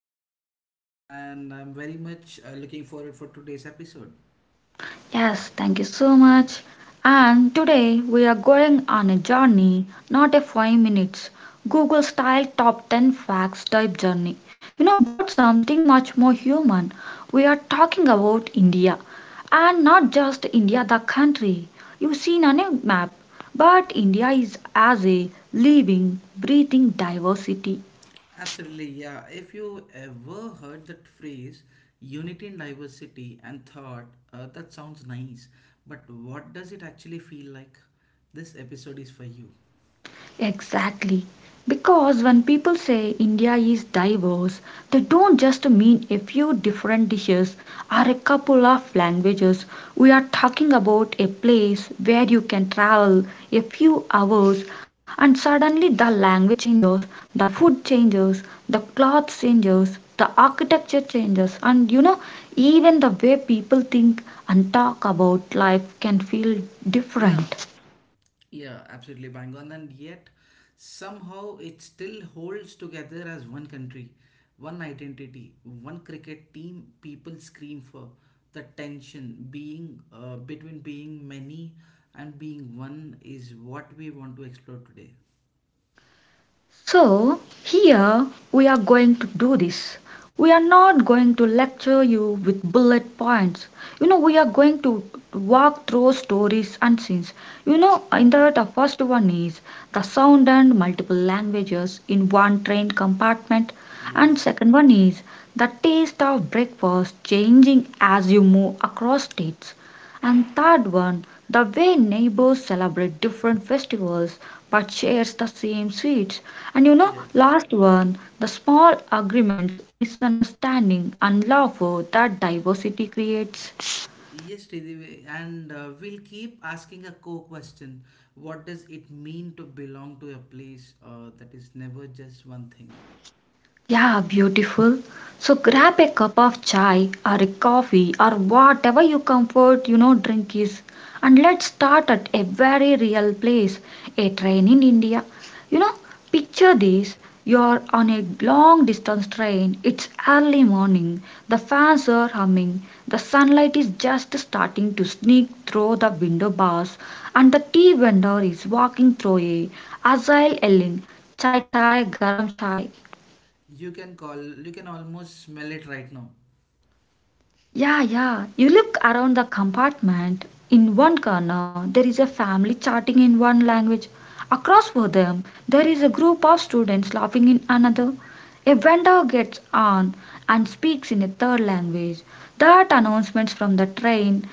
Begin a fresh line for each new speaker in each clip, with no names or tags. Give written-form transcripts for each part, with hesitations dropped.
Krishna and I'm very much looking forward for today's episode.
Yes, thank you so much. And today we are going on a journey, not a 5 minutes Google style top 10 facts type journey. But something much more human. We are talking about India. And not just India, the country you've seen on a map, but India is as a living, breathing diversity.
Absolutely, yeah. If you ever heard that phrase unity in diversity and thought, that sounds nice, but what does it actually feel like? This episode is for you.
Exactly. Because when people say India is diverse, they don't just mean a few different dishes or a couple of languages. We are talking about a place where you can travel a few hours and suddenly the language changes, the food changes, the clothes changes, the architecture changes, and even the way people think and talk about life can feel
Yeah,
different.
Yeah, absolutely bang on. And yet, somehow it still holds together as one country, one identity, one cricket team people scream for. The tension being between being many and being one is what we want to explore today.
So, here we are going to do this. We are not going to lecture you with bullet points. We are going to walk through stories and scenes. In that, the first one is the sound and multiple languages in one train compartment, and
Yes,
second one is the taste of breakfast changing as you move across states, and third one, the way neighbors celebrate different festivals but shares the same sweets. And
yes.
last one, the small agreements, misunderstanding, and love that diversity creates.
Yes, Sridevi, and we'll keep asking a core question. What does it mean to belong to a place that is never just one thing?
Yeah, beautiful. So grab a cup of chai or a coffee or whatever you comfort drink is. And let's start at a very real place, a train in India. You know, Picture this. You're on a long distance train. It's early morning. The fans are humming. The sunlight is just starting to sneak through the window bars. And the tea vendor is walking through a agile yelling, "Chai chai, garam chai."
You can call, you can almost smell it right now.
Yeah, yeah. You look around the compartment. In one corner, there is a family chatting in one language. Across from them, there is a group of students laughing in another. A vendor gets on and speaks in a third language. That announcements from the train,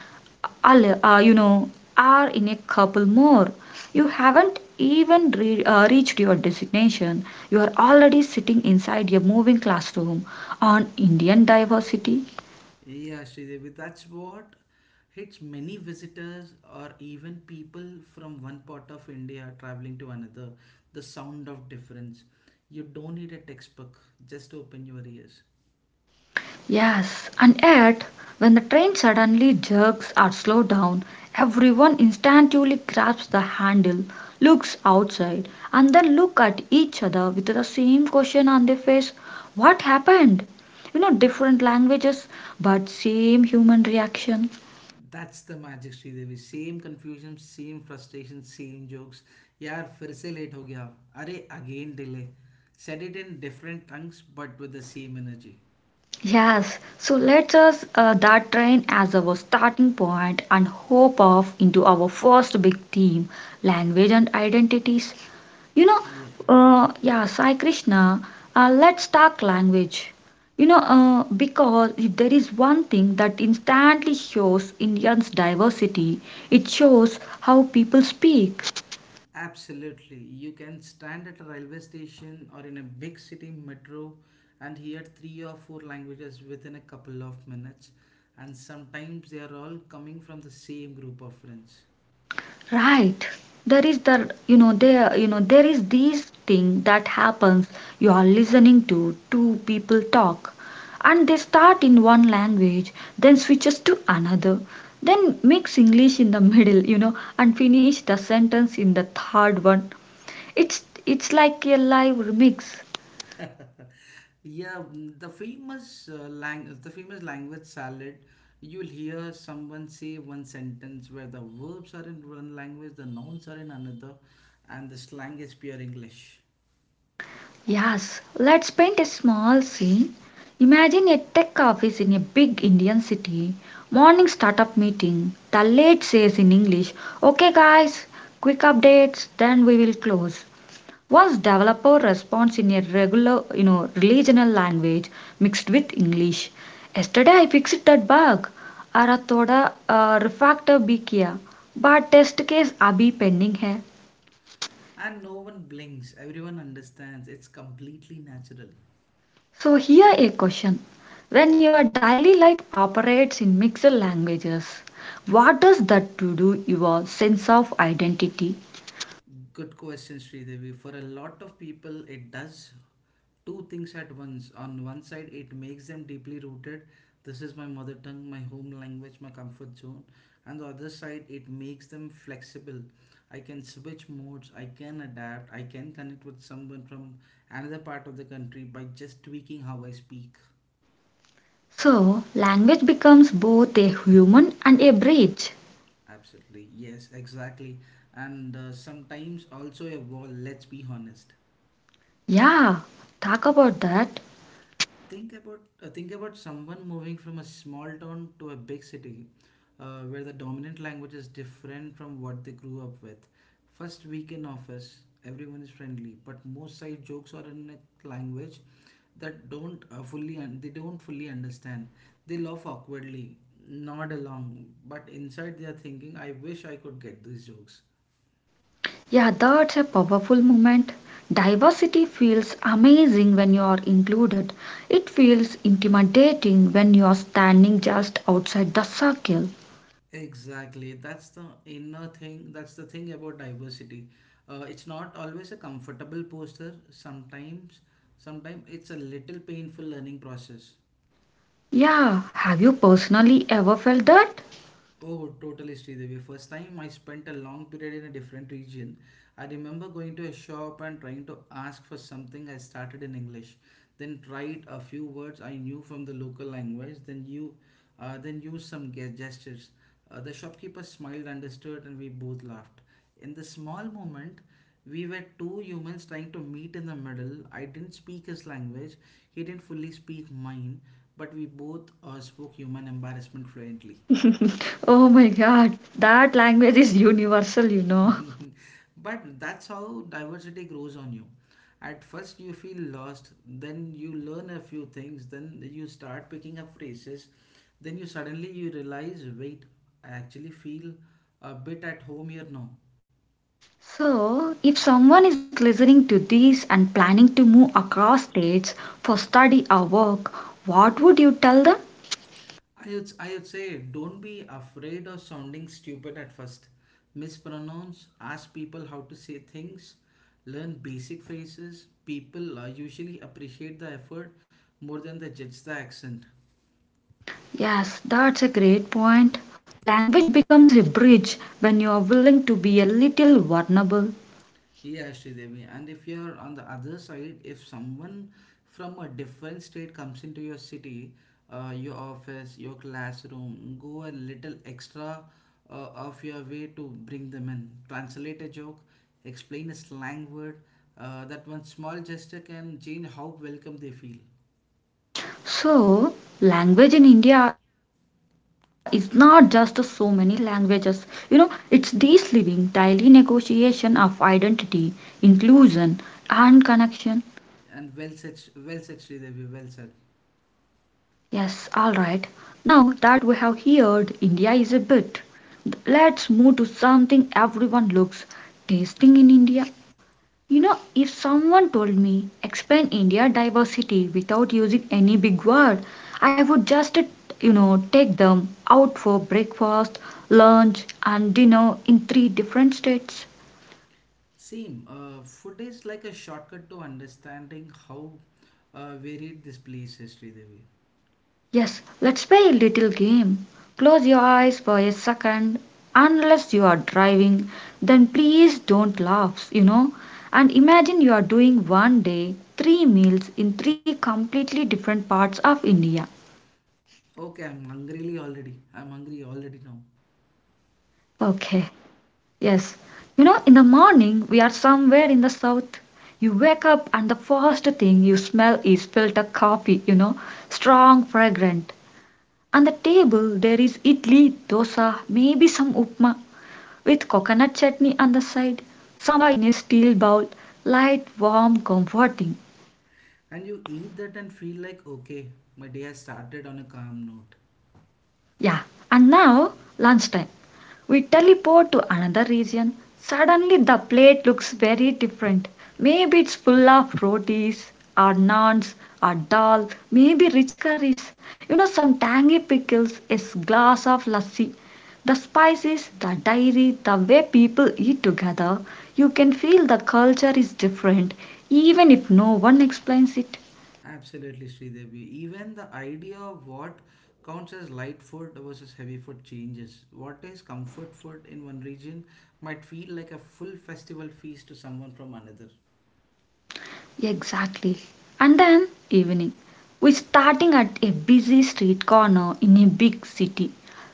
al- uh, you know, are in a couple more. You haven't even reached your destination. You are already sitting inside a moving classroom on Indian diversity.
Yeah, Sridevi, that's what hits many visitors or even people from one part of India traveling to another. The sound of difference. You don't need a textbook, just open your ears.
Yes, and yet when the train suddenly jerks or slows down, everyone instinctively grabs the handle, looks outside, and then look at each other with the same question on their face. What happened? Different languages, but same human reaction.
That's the magic, Sridevi. Same confusion, same frustration, same jokes. यार फिर से late हो गया, अरे again delay, said it in different tongues but with the same energy.
Yes, so let us that train as our starting point and hope off into our first big theme, language and identities. You know, yeah, Sai Krishna, let's talk language. Because if there is one thing that instantly shows Indians' diversity, it shows how people speak.
Absolutely. You can stand at a railway station or in a big city metro and hear three or four languages within a couple of minutes, and sometimes they are all coming from the same group of friends.
Right. There is the you know there is this thing that happens. You are listening to two people talk, and they start in one language, then switches to another, then mix English in the middle, and finish the sentence in the third one. It's like a live remix.
Yeah, the famous the famous language salad. You'll hear someone say one sentence where the verbs are in one language, the nouns are in another, and the slang is pure English.
Yes, let's paint a small scene. Imagine a tech office in a big Indian city. Morning startup meeting. The lead says in English, "Okay, guys, quick updates, then we will close." Once developer responds in a regular, regional language mixed with English. "Yesterday I fixed that bug. अरे थोड़ा refactor भी किया but test case अभी pending है."
And no one blinks. Everyone understands. It's completely natural.
So here a question. When your daily life operates in mixed languages, what does that to do your sense of identity?
Good question, Sridevi. For a lot of people, it does two things at once. On one side, it makes them deeply rooted. This is my mother tongue, my home language, my comfort zone. And the other side, it makes them flexible. I can switch modes, I can adapt, I can connect with someone from another part of the country by just tweaking how I speak.
So language becomes both a human and a bridge.
Absolutely. Yes, exactly. And sometimes also a wall, let's be honest.
Yeah, talk about that.
Think about someone moving from a small town to a big city where the dominant language is different from what they grew up with. First week in office, everyone is friendly, but most side jokes are in a language that don't fully un- they don't fully understand. They laugh awkwardly, nod along, but inside they are thinking, I wish I could get these jokes.
Yeah, that's a powerful moment. Diversity feels amazing when you are included. It feels intimidating when you are standing just outside the circle.
Exactly. That's the inner thing. That's the thing about diversity. It's not always a comfortable posture. Sometimes it's a little painful learning process.
Yeah, have you personally ever felt that?
Oh, totally, Sridevi. First time I spent a long period in a different region, I remember going to a shop and trying to ask for something. I started in English, then tried a few words I knew from the local language, then used some gestures. The shopkeeper smiled, understood, and we both laughed. In the small moment, we were two humans trying to meet in the middle. I didn't speak his language, he didn't fully speak mine, but we both spoke human embarrassment fluently.
Oh my God, that language is universal.
But that's how diversity grows on you. At first, you feel lost, then you learn a few things, then you start picking up phrases, then you suddenly you realize, wait, I actually feel a bit at home here now.
So, if someone is listening to this and planning to move across states for study or work, what would you tell them?
I would say, don't be afraid of sounding stupid at first. Mispronounce, ask people how to say things, learn basic phrases. People usually appreciate the effort more than they judge the accent.
Yes, that's a great point. Language becomes a bridge when you are willing to be a little vulnerable.
Yeah, Devi. And if you're on the other side, if someone from a different state comes into your city, your office, your classroom, go a little extra of your way to bring them in. Translate a joke, explain a slang word. That one small gesture can change how welcome they feel.
So, language in India is not just so many languages. It's this living, daily negotiation of identity, inclusion, and connection.
And well said, Devi. Well said.
Yes, all right. Now that we have heard India is a bit, let's move to something everyone looks, tasting in India. If someone told me explain India diversity without using any big word, I would just, take them out for breakfast, lunch, and dinner in three different states.
Same. Food is like a shortcut to understanding how varied this place is, Devi.
Yes, let's play a little game. Close your eyes for a second, unless you are driving, then please don't laugh. And imagine you are doing one day three meals in three completely different parts of India.
Okay, I'm hungry already. I'm hungry already now.
Okay, yes. In the morning, we are somewhere in the south. You wake up, and the first thing you smell is filter coffee, strong, fragrant. On the table, there is idli, dosa, maybe some upma with coconut chutney on the side, samba in a steel bowl, light, warm, comforting.
And you eat that and feel like, okay, my day has started on a calm note.
Yeah. And now, lunchtime. We teleport to another region. Suddenly, the plate looks very different. Maybe it's full of rotis, or naans, or dal, maybe rich curries, some tangy pickles, a glass of lassi. The spices, the dairy, the way people eat together, you can feel the culture is different, even if no one explains it.
Absolutely, Sridevi. Even the idea of what counts as light food versus heavy food changes. What is comfort food in one region might feel like a full festival feast to someone from another.
Exactly. And then evening. We're starting at a busy street corner in a big city.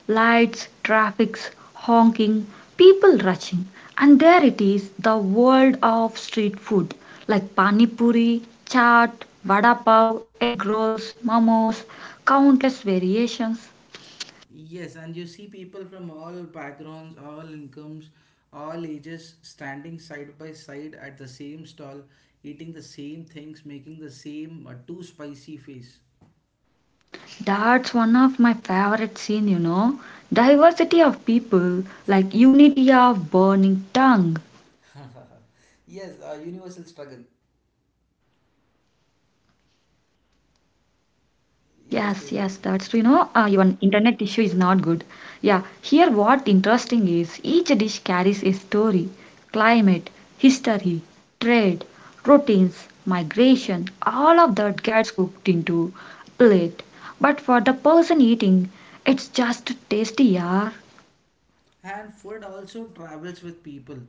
Lights, traffics, honking, people rushing. And there it is, the world of street food like pani puri, chaat, vada pav, egg rolls, momos, countless variations.
Yes, and you see people from all backgrounds, all incomes, all ages standing side by side at the same stall, eating the same things, making the same too spicy face.
That's one of my favorite scene. Diversity of people, like unity of burning tongue.
Yes, a universal struggle.
Yes, yes, that's true.
Yes,
Your
Sridevi.
internet issue is not good. Yeah, here what interesting is each dish carries a story, climate, history, trade, routines, migration, all of that gets cooked into plate. But for the person eating, it's just tasty, yeah.
And food also travels with people.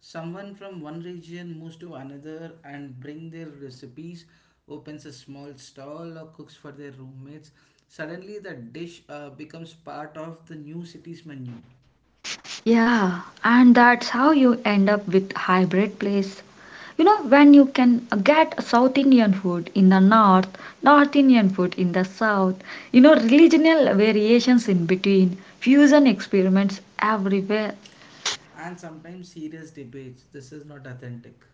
Someone from one region moves to another and bring their recipes, opens a small stall or cooks for their roommates. Suddenly the dish becomes part of the new city's menu.
Yeah, and that's how you end up with hybrid place. When you can get South Indian food in the north, North Indian food in the south, regional variations in between, fusion experiments everywhere.
And sometimes serious debates. This is not authentic.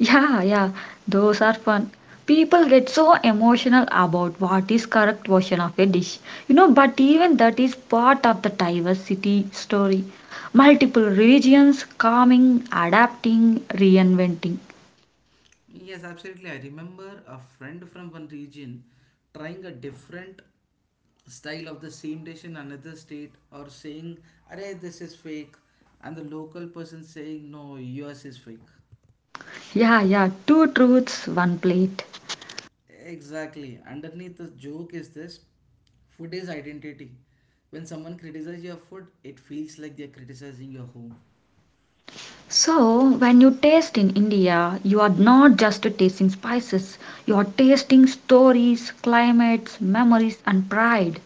Yeah, yeah, those are fun. People get so emotional about what is correct version of a dish. But even that is part of the diversity story. Multiple regions, calming, adapting, reinventing.
Yes, absolutely. I remember a friend from one region trying a different style of the same dish in another state or saying, "Arey, this is fake," and the local person saying, "No, yours is fake."
Yeah, yeah, two truths, one plate.
Exactly. Underneath the joke is this: food is identity. When someone criticizes your food, it feels like they're criticizing your home.
So, when you taste in India, you are not just tasting spices, you are tasting stories, climates, memories, and pride.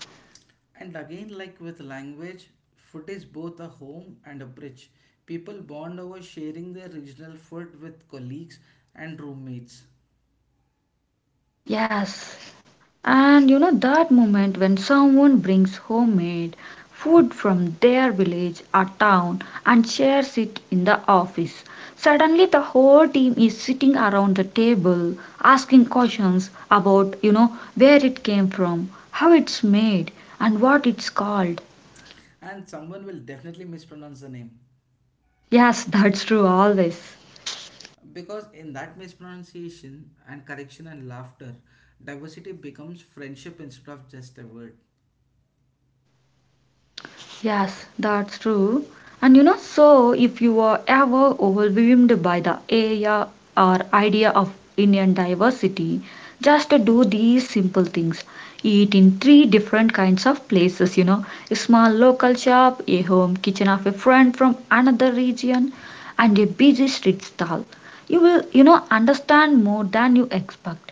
And again, like with language, food is both a home and a bridge. People bond over sharing their regional food with colleagues and roommates.
Yes, and you know that moment when someone brings homemade food from their village or town and shares it in the office. Suddenly the whole team is sitting around the table asking questions about, where it came from, how it's made, and what it's called.
And someone will definitely mispronounce the name.
Yes, that's true always.
Because in that mispronunciation and correction and laughter, diversity becomes friendship instead of just a word.
Yes, that's true. And so if you are ever overwhelmed by the area or idea of Indian diversity, just do these simple things. Eat in three different kinds of places, a small local shop, a home kitchen of a friend from another region, and a busy street stall. You will, understand more than you expect.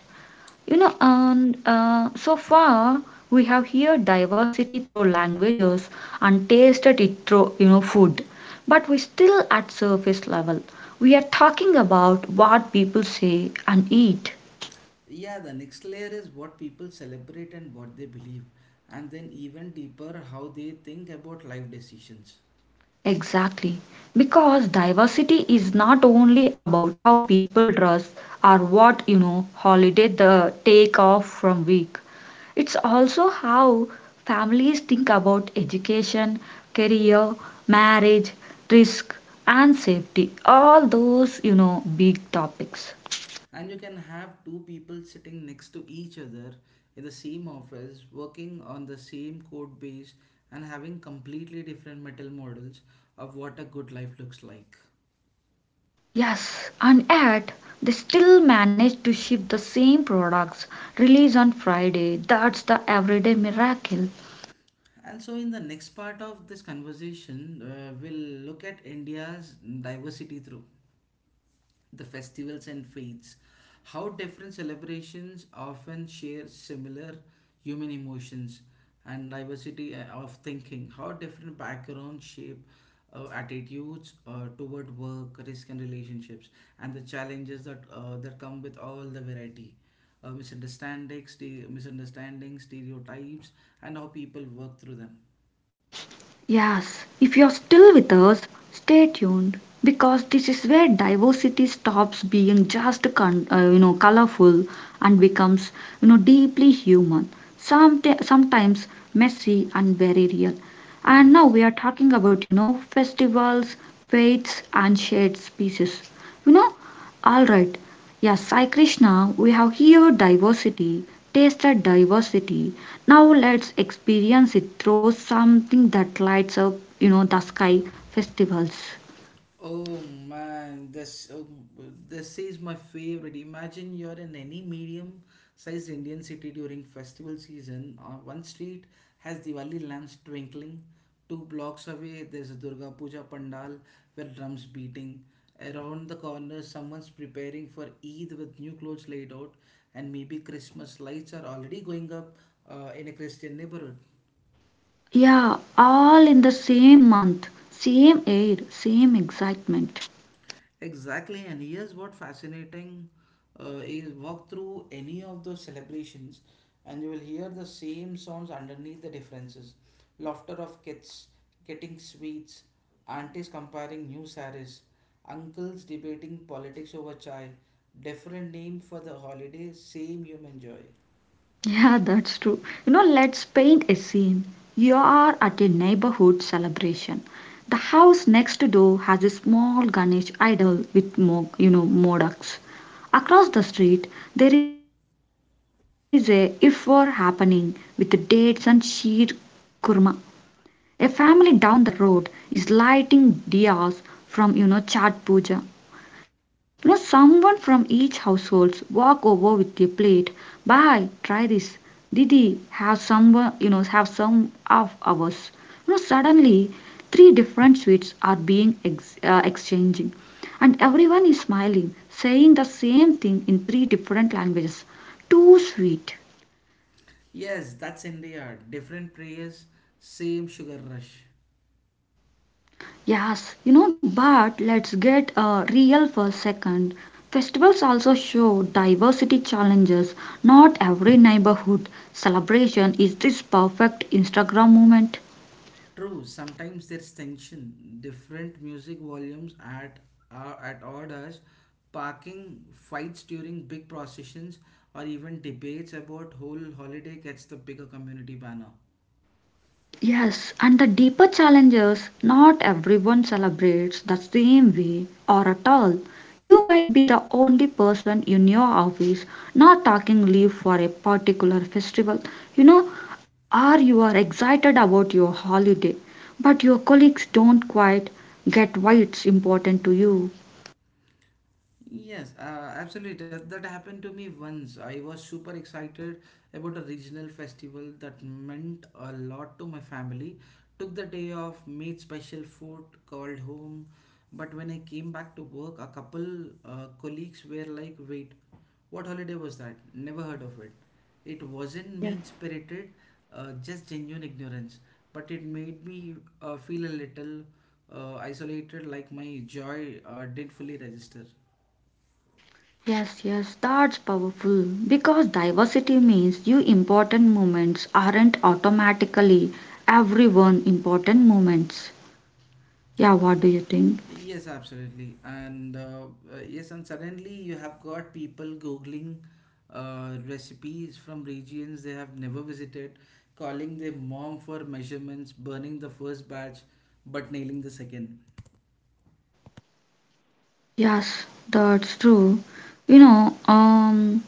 And so far we have here diversity through languages and tasted it through, food. But we still at surface level. We are talking about what people say and eat.
Yeah, the next layer is what people celebrate and what they believe, and then even deeper, how they think about life decisions.
Exactly. Because diversity is not only about how people dress or what, holiday the take off from week. It's also how families think about education, career, marriage, risk and safety. All those, big topics.
And you can have two people sitting next to each other in the same office, working on the same code base, and having completely different mental models of what a good life looks like.
Yes, and yet they still manage to ship the same products release on Friday. That's the everyday miracle.
And so, in the next part of this conversation, we'll look at India's diversity through the festivals and faiths, how different celebrations often share similar human emotions, and diversity of thinking, how different backgrounds shape attitudes toward work, risk, and relationships, and the challenges that that come with all the variety. Misunderstandings, stereotypes, and how people work through them.
Yes, if you're still with us, stay tuned because this is where diversity stops being just colorful and becomes deeply human. Sometimes messy and very real. And now
Yes.
we are talking about festivals, faiths, and shared species. You know, all right. Yes, Sai Krishna, we have here diversity, tasted diversity, now let's experience it through something that lights up, the sky festivals.
Oh man, this is my favorite. Imagine you're in any medium-sized Indian city during festival season. One street has Diwali lamps twinkling. Two blocks away, there's a Durga Puja pandal with drums beating. Around the corner, someone's preparing for Eid with new clothes laid out, and maybe Christmas lights are already going up in a Christian neighborhood.
Yeah, all in the same month, same air, same excitement.
Exactly, and here's what fascinating is, walk through any of those celebrations, and you will hear the same sounds underneath the differences. Laughter of kids getting sweets, aunties comparing new saris, uncles debating politics over chai. Different name for the holiday, same human joy.
Yeah, that's true. Let's paint a scene. You are at a neighborhood celebration. The house next door has a small Ganesh idol with, modaks. Across the street, there is a ifwar happening with dates and sheer kurma. A family down the road is lighting diyas from chat puja. Someone from each households walk over with a plate. "Bye, try this. Didi, have some of ours." You know suddenly three different sweets are being exchanging, and everyone is smiling, saying the same thing in three different languages. Too sweet.
Yes, that's India. Different prayers, same sugar rush.
Yes, you know, but let's get real for a second. Festivals also show diversity challenges. Not every neighborhood celebration is this perfect Instagram moment.
True, sometimes there's tension. Different music volumes at odd hours, parking fights during big processions, or even debates about whole holiday gets the bigger community banner.
Yes, and the deeper challenges, not everyone celebrates the same way or at all. You might be the only person in your office not taking leave for a particular festival, you know, or you are excited about your holiday, but your colleagues don't quite get why it's important to you.
Yes, absolutely. That happened to me once. I was super excited about a regional festival that meant a lot to my family. Took the day off, made special food, called home. But when I came back to work, a couple colleagues were like, wait, what holiday was that? Never heard of it. It wasn't
Yes.
mean spirited, just genuine ignorance. But it made me feel a little isolated, like my joy didn't fully register.
Yes, yes, that's powerful because diversity means you important moments aren't automatically everyone important moments. Yeah, what do you think?
Yes, absolutely. And suddenly you have got people Googling recipes from regions they have never visited, calling their mom for measurements, burning the first batch, but nailing the second.
Yes, that's true. You know, um,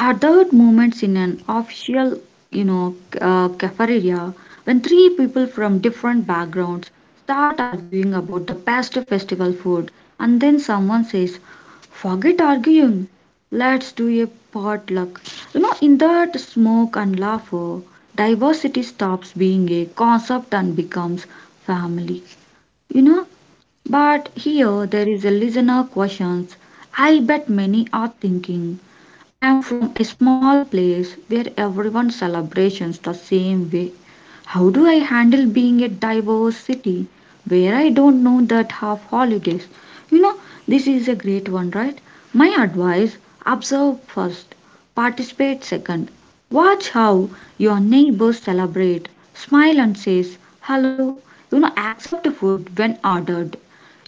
Are there moments in an official, you know, cafeteria when three people from different backgrounds start arguing about the best festival food, and then someone says, "Forget arguing, let's do a potluck." You know, in that smoke and laughter, diversity stops being a concept and becomes family. You know, but here there is a listener questions. I bet many are thinking, I am from a small place where everyone celebrations the same way. How do I handle being a diverse city where I don't know that half holidays? You know, this is a great one, right? My advice observe first, participate second. Watch how your neighbors celebrate, smile and says hello. You know, accept food when ordered.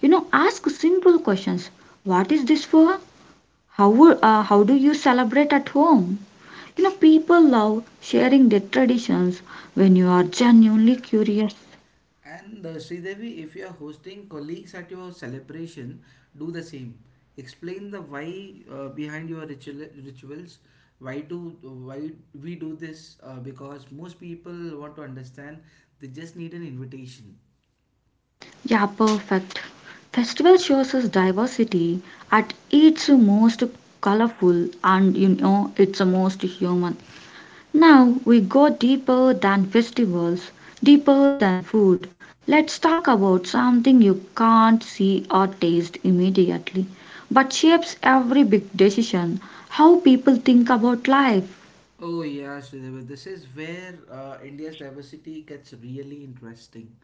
You know, ask simple questions. What is this for? How do you celebrate at home? You know, people love sharing their traditions when you are genuinely curious.
And Sridevi, if you are hosting colleagues at your celebration, do the same. Explain the why rituals. Why we do this? Because most people want to understand. They just need an invitation.
Yeah, perfect. Festival shows us diversity at its most colorful and you know, its most human. Now we go deeper than festivals, deeper than food. Let's talk about something you can't see or taste immediately, but shapes every big decision, how people think about life.
Oh yeah, Sridhar, this is where India's diversity gets really interesting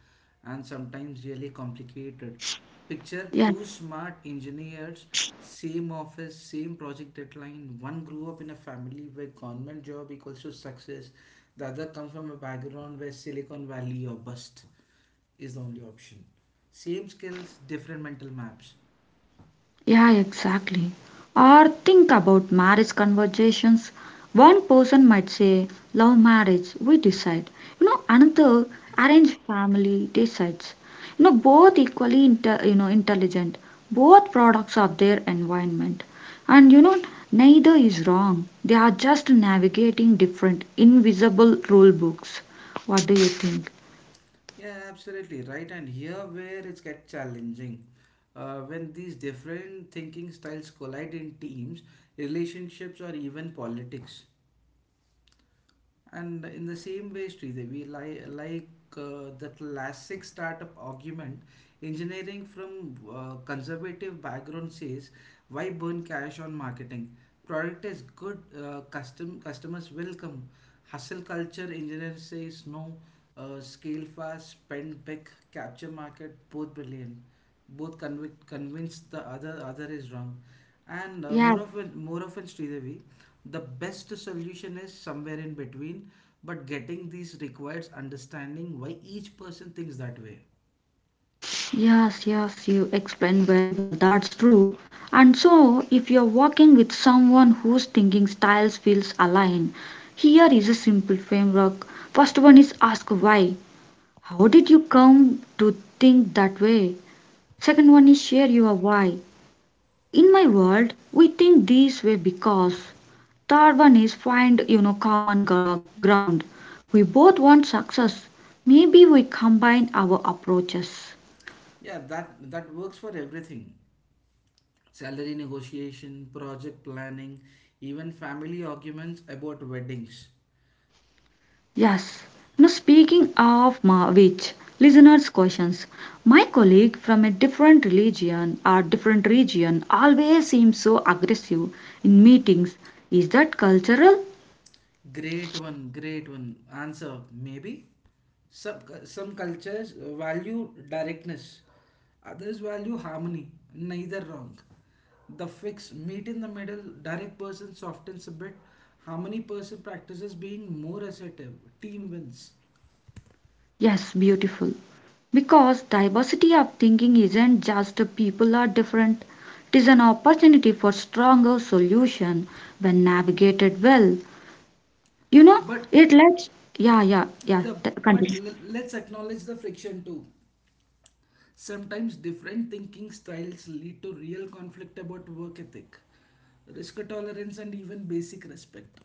and sometimes really complicated. Picture
Yeah.
two smart engineers, same office, same project deadline. One grew up in a family where government job equals to success. The other comes from a background where Silicon Valley or bust is the only option. Same skills, different mental maps.
Yeah, exactly. Or think about marriage conversations. One person might say, love marriage, we decide. You know, another, arranged family decides. You know, both equally inter- you know, intelligent, both products of their environment. And you know, neither is wrong. They are just navigating different, invisible rule books. What do you think?
Yeah, absolutely right. And here where it's get challenging, when these different thinking styles collide in teams, relationships, or even politics. And in the same way, Sridevi, like the classic startup argument, engineering from conservative background says, why burn cash on marketing? Product is good, customers will come. Hustle culture engineer says no. Scale fast, spend big, capture market, both brilliant. Convince the other is wrong. And
Yeah.
more often, Sridevi, the best solution is somewhere in between, but getting these requires understanding why each person thinks that way.
Yes, yes, you explained very well. That's true. And so, if you're working with someone whose thinking styles feels aligned, here is a simple framework. First one is ask why. How did you come to think that way? Second one is share your why. In my world, we think this way because. Third one is find, you know, ground. We both want success. Maybe we combine our approaches.
Yeah, that works for everything. Salary negotiation, project planning, even family arguments about weddings.
Yes. Now, speaking of which, listeners' questions. My colleague from a different religion or different region always seems so aggressive in meetings. Is that cultural?
Great one. Answer maybe. Some cultures value directness, others value harmony. Neither wrong. The fix: meet in the middle. Direct person softens a bit, harmony person practices being more assertive, team wins.
Yes, beautiful. Because diversity of thinking isn't just the people are different. It is an opportunity for stronger solution when navigated well. You know,
but
it lets. Yeah, yeah, yeah.
the but
Continue.
l- let's acknowledge the friction too. Sometimes different thinking styles lead to real conflict about work ethic, risk tolerance, and even basic respect.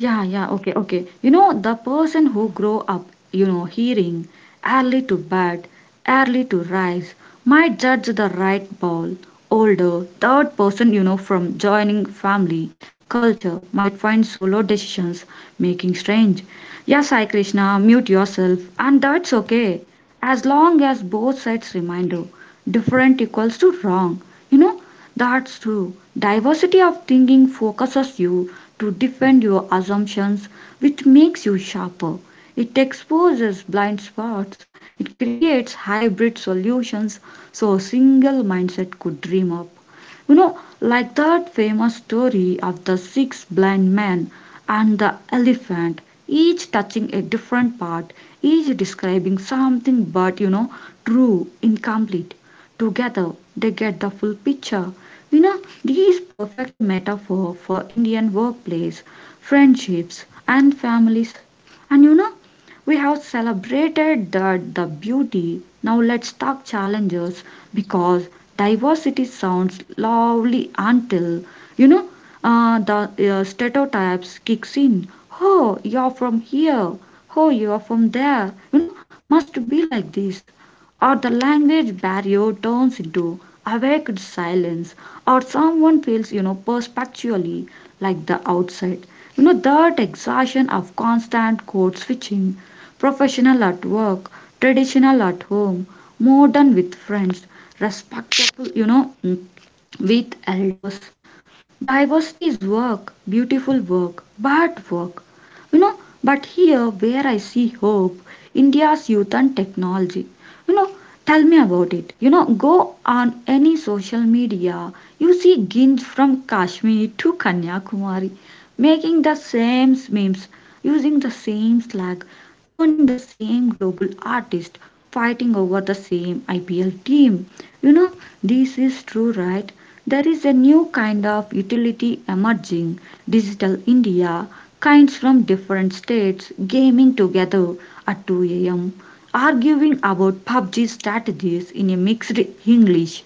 Yeah, yeah, okay, okay. You know, the person who grow up, you know, hearing early to bed, early to rise, might judge the right ball. Older, third person, you know, from joining family, culture, might find solo decisions making strange. Yeah, Sai Krishna, mute yourself, and that's okay. As long as both sides reminder, different equals to wrong. You know, that's true. Diversity of thinking focuses you to defend your assumptions, which makes you sharper. It exposes blind spots, it creates hybrid solutions so a single mindset could dream up. You know, like that famous story of the six blind men and the elephant, each touching a different part, each describing something but, you know, true, incomplete. Together, they get the full picture. You know, this perfect metaphor for Indian workplace, friendships, and families. And you know, we have celebrated that the beauty. Now let's talk challenges because diversity sounds lovely until you know the stereotypes kicks in. Oh, you're from here, oh, you're from there, you know, must be like this. Or the language barrier turns into awakened silence, or someone feels, you know, perspectively like the outside, you know, that exhaustion of constant code switching, professional at work, traditional at home, modern with friends, respectable, you know, with elders. Diversity is work, beautiful work, bad work. You know, but here where I see hope, India's youth and technology. You know, tell me about it. You know, go on any social media, you see ginge from Kashmir to Kanyakumari, making the same memes, using the same slang, turning the same global artist, fighting over the same IPL team. You know, this is true, right? There is a new kind of utility emerging, Digital India, kinds from different states gaming together at 2 a.m., arguing about PUBG strategies in a mixed English,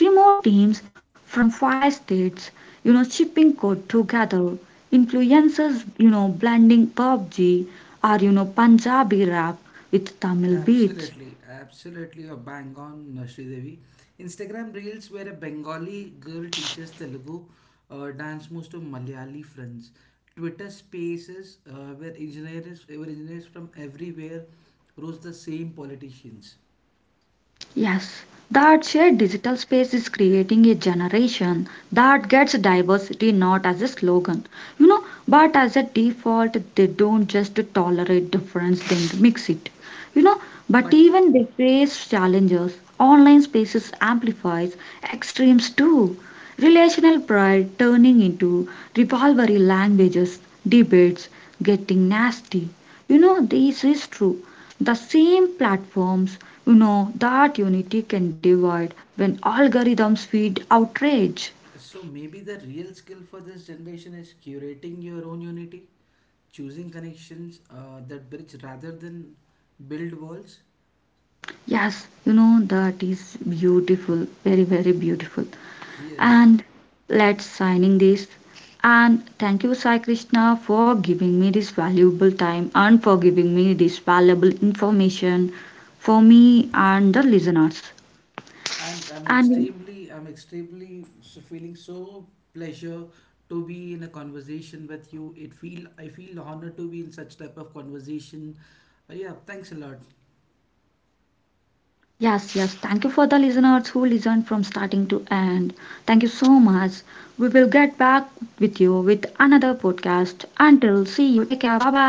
remote teams from five states, you know, shipping code together, influencers, you know, blending PUBG or, you know, Punjabi rap with Tamil beats.
Absolutely, you're bang on, Sridevi. Instagram Reels where a Bengali girl teaches Telugu dance moves to Malayali friends. Twitter Spaces where engineers from everywhere roast the same politicians.
Yes, that shared digital space is creating a generation that gets diversity not as a slogan, you know, but as a default. They don't just tolerate difference, then mix it, you know. But
But th-
even they face challenges. Online spaces amplifies extremes too. Relational pride turning into rivalry languages, debates, getting nasty. You know, this is true. The same platforms, you know, that unity can divide when algorithms feed outrage.
so maybe the real skill for this generation is curating your own unity, choosing connections that bridge rather than build walls.
Yes, you know, that is beautiful, very very beautiful.
Yeah,
And let's signing this, and thank you Sai Krishna for giving me this valuable time and for giving me this valuable information for me and the listeners.
and
And
I'm extremely feeling so pleasure to be in a conversation with you. It feel I feel honored to be in such type of conversation. Yeah, thanks a lot.
yes, yes. Thank you for the listeners who listened from starting to end. Thank you so much. We will get back with you with another podcast. Until see you. Take care. Bye bye.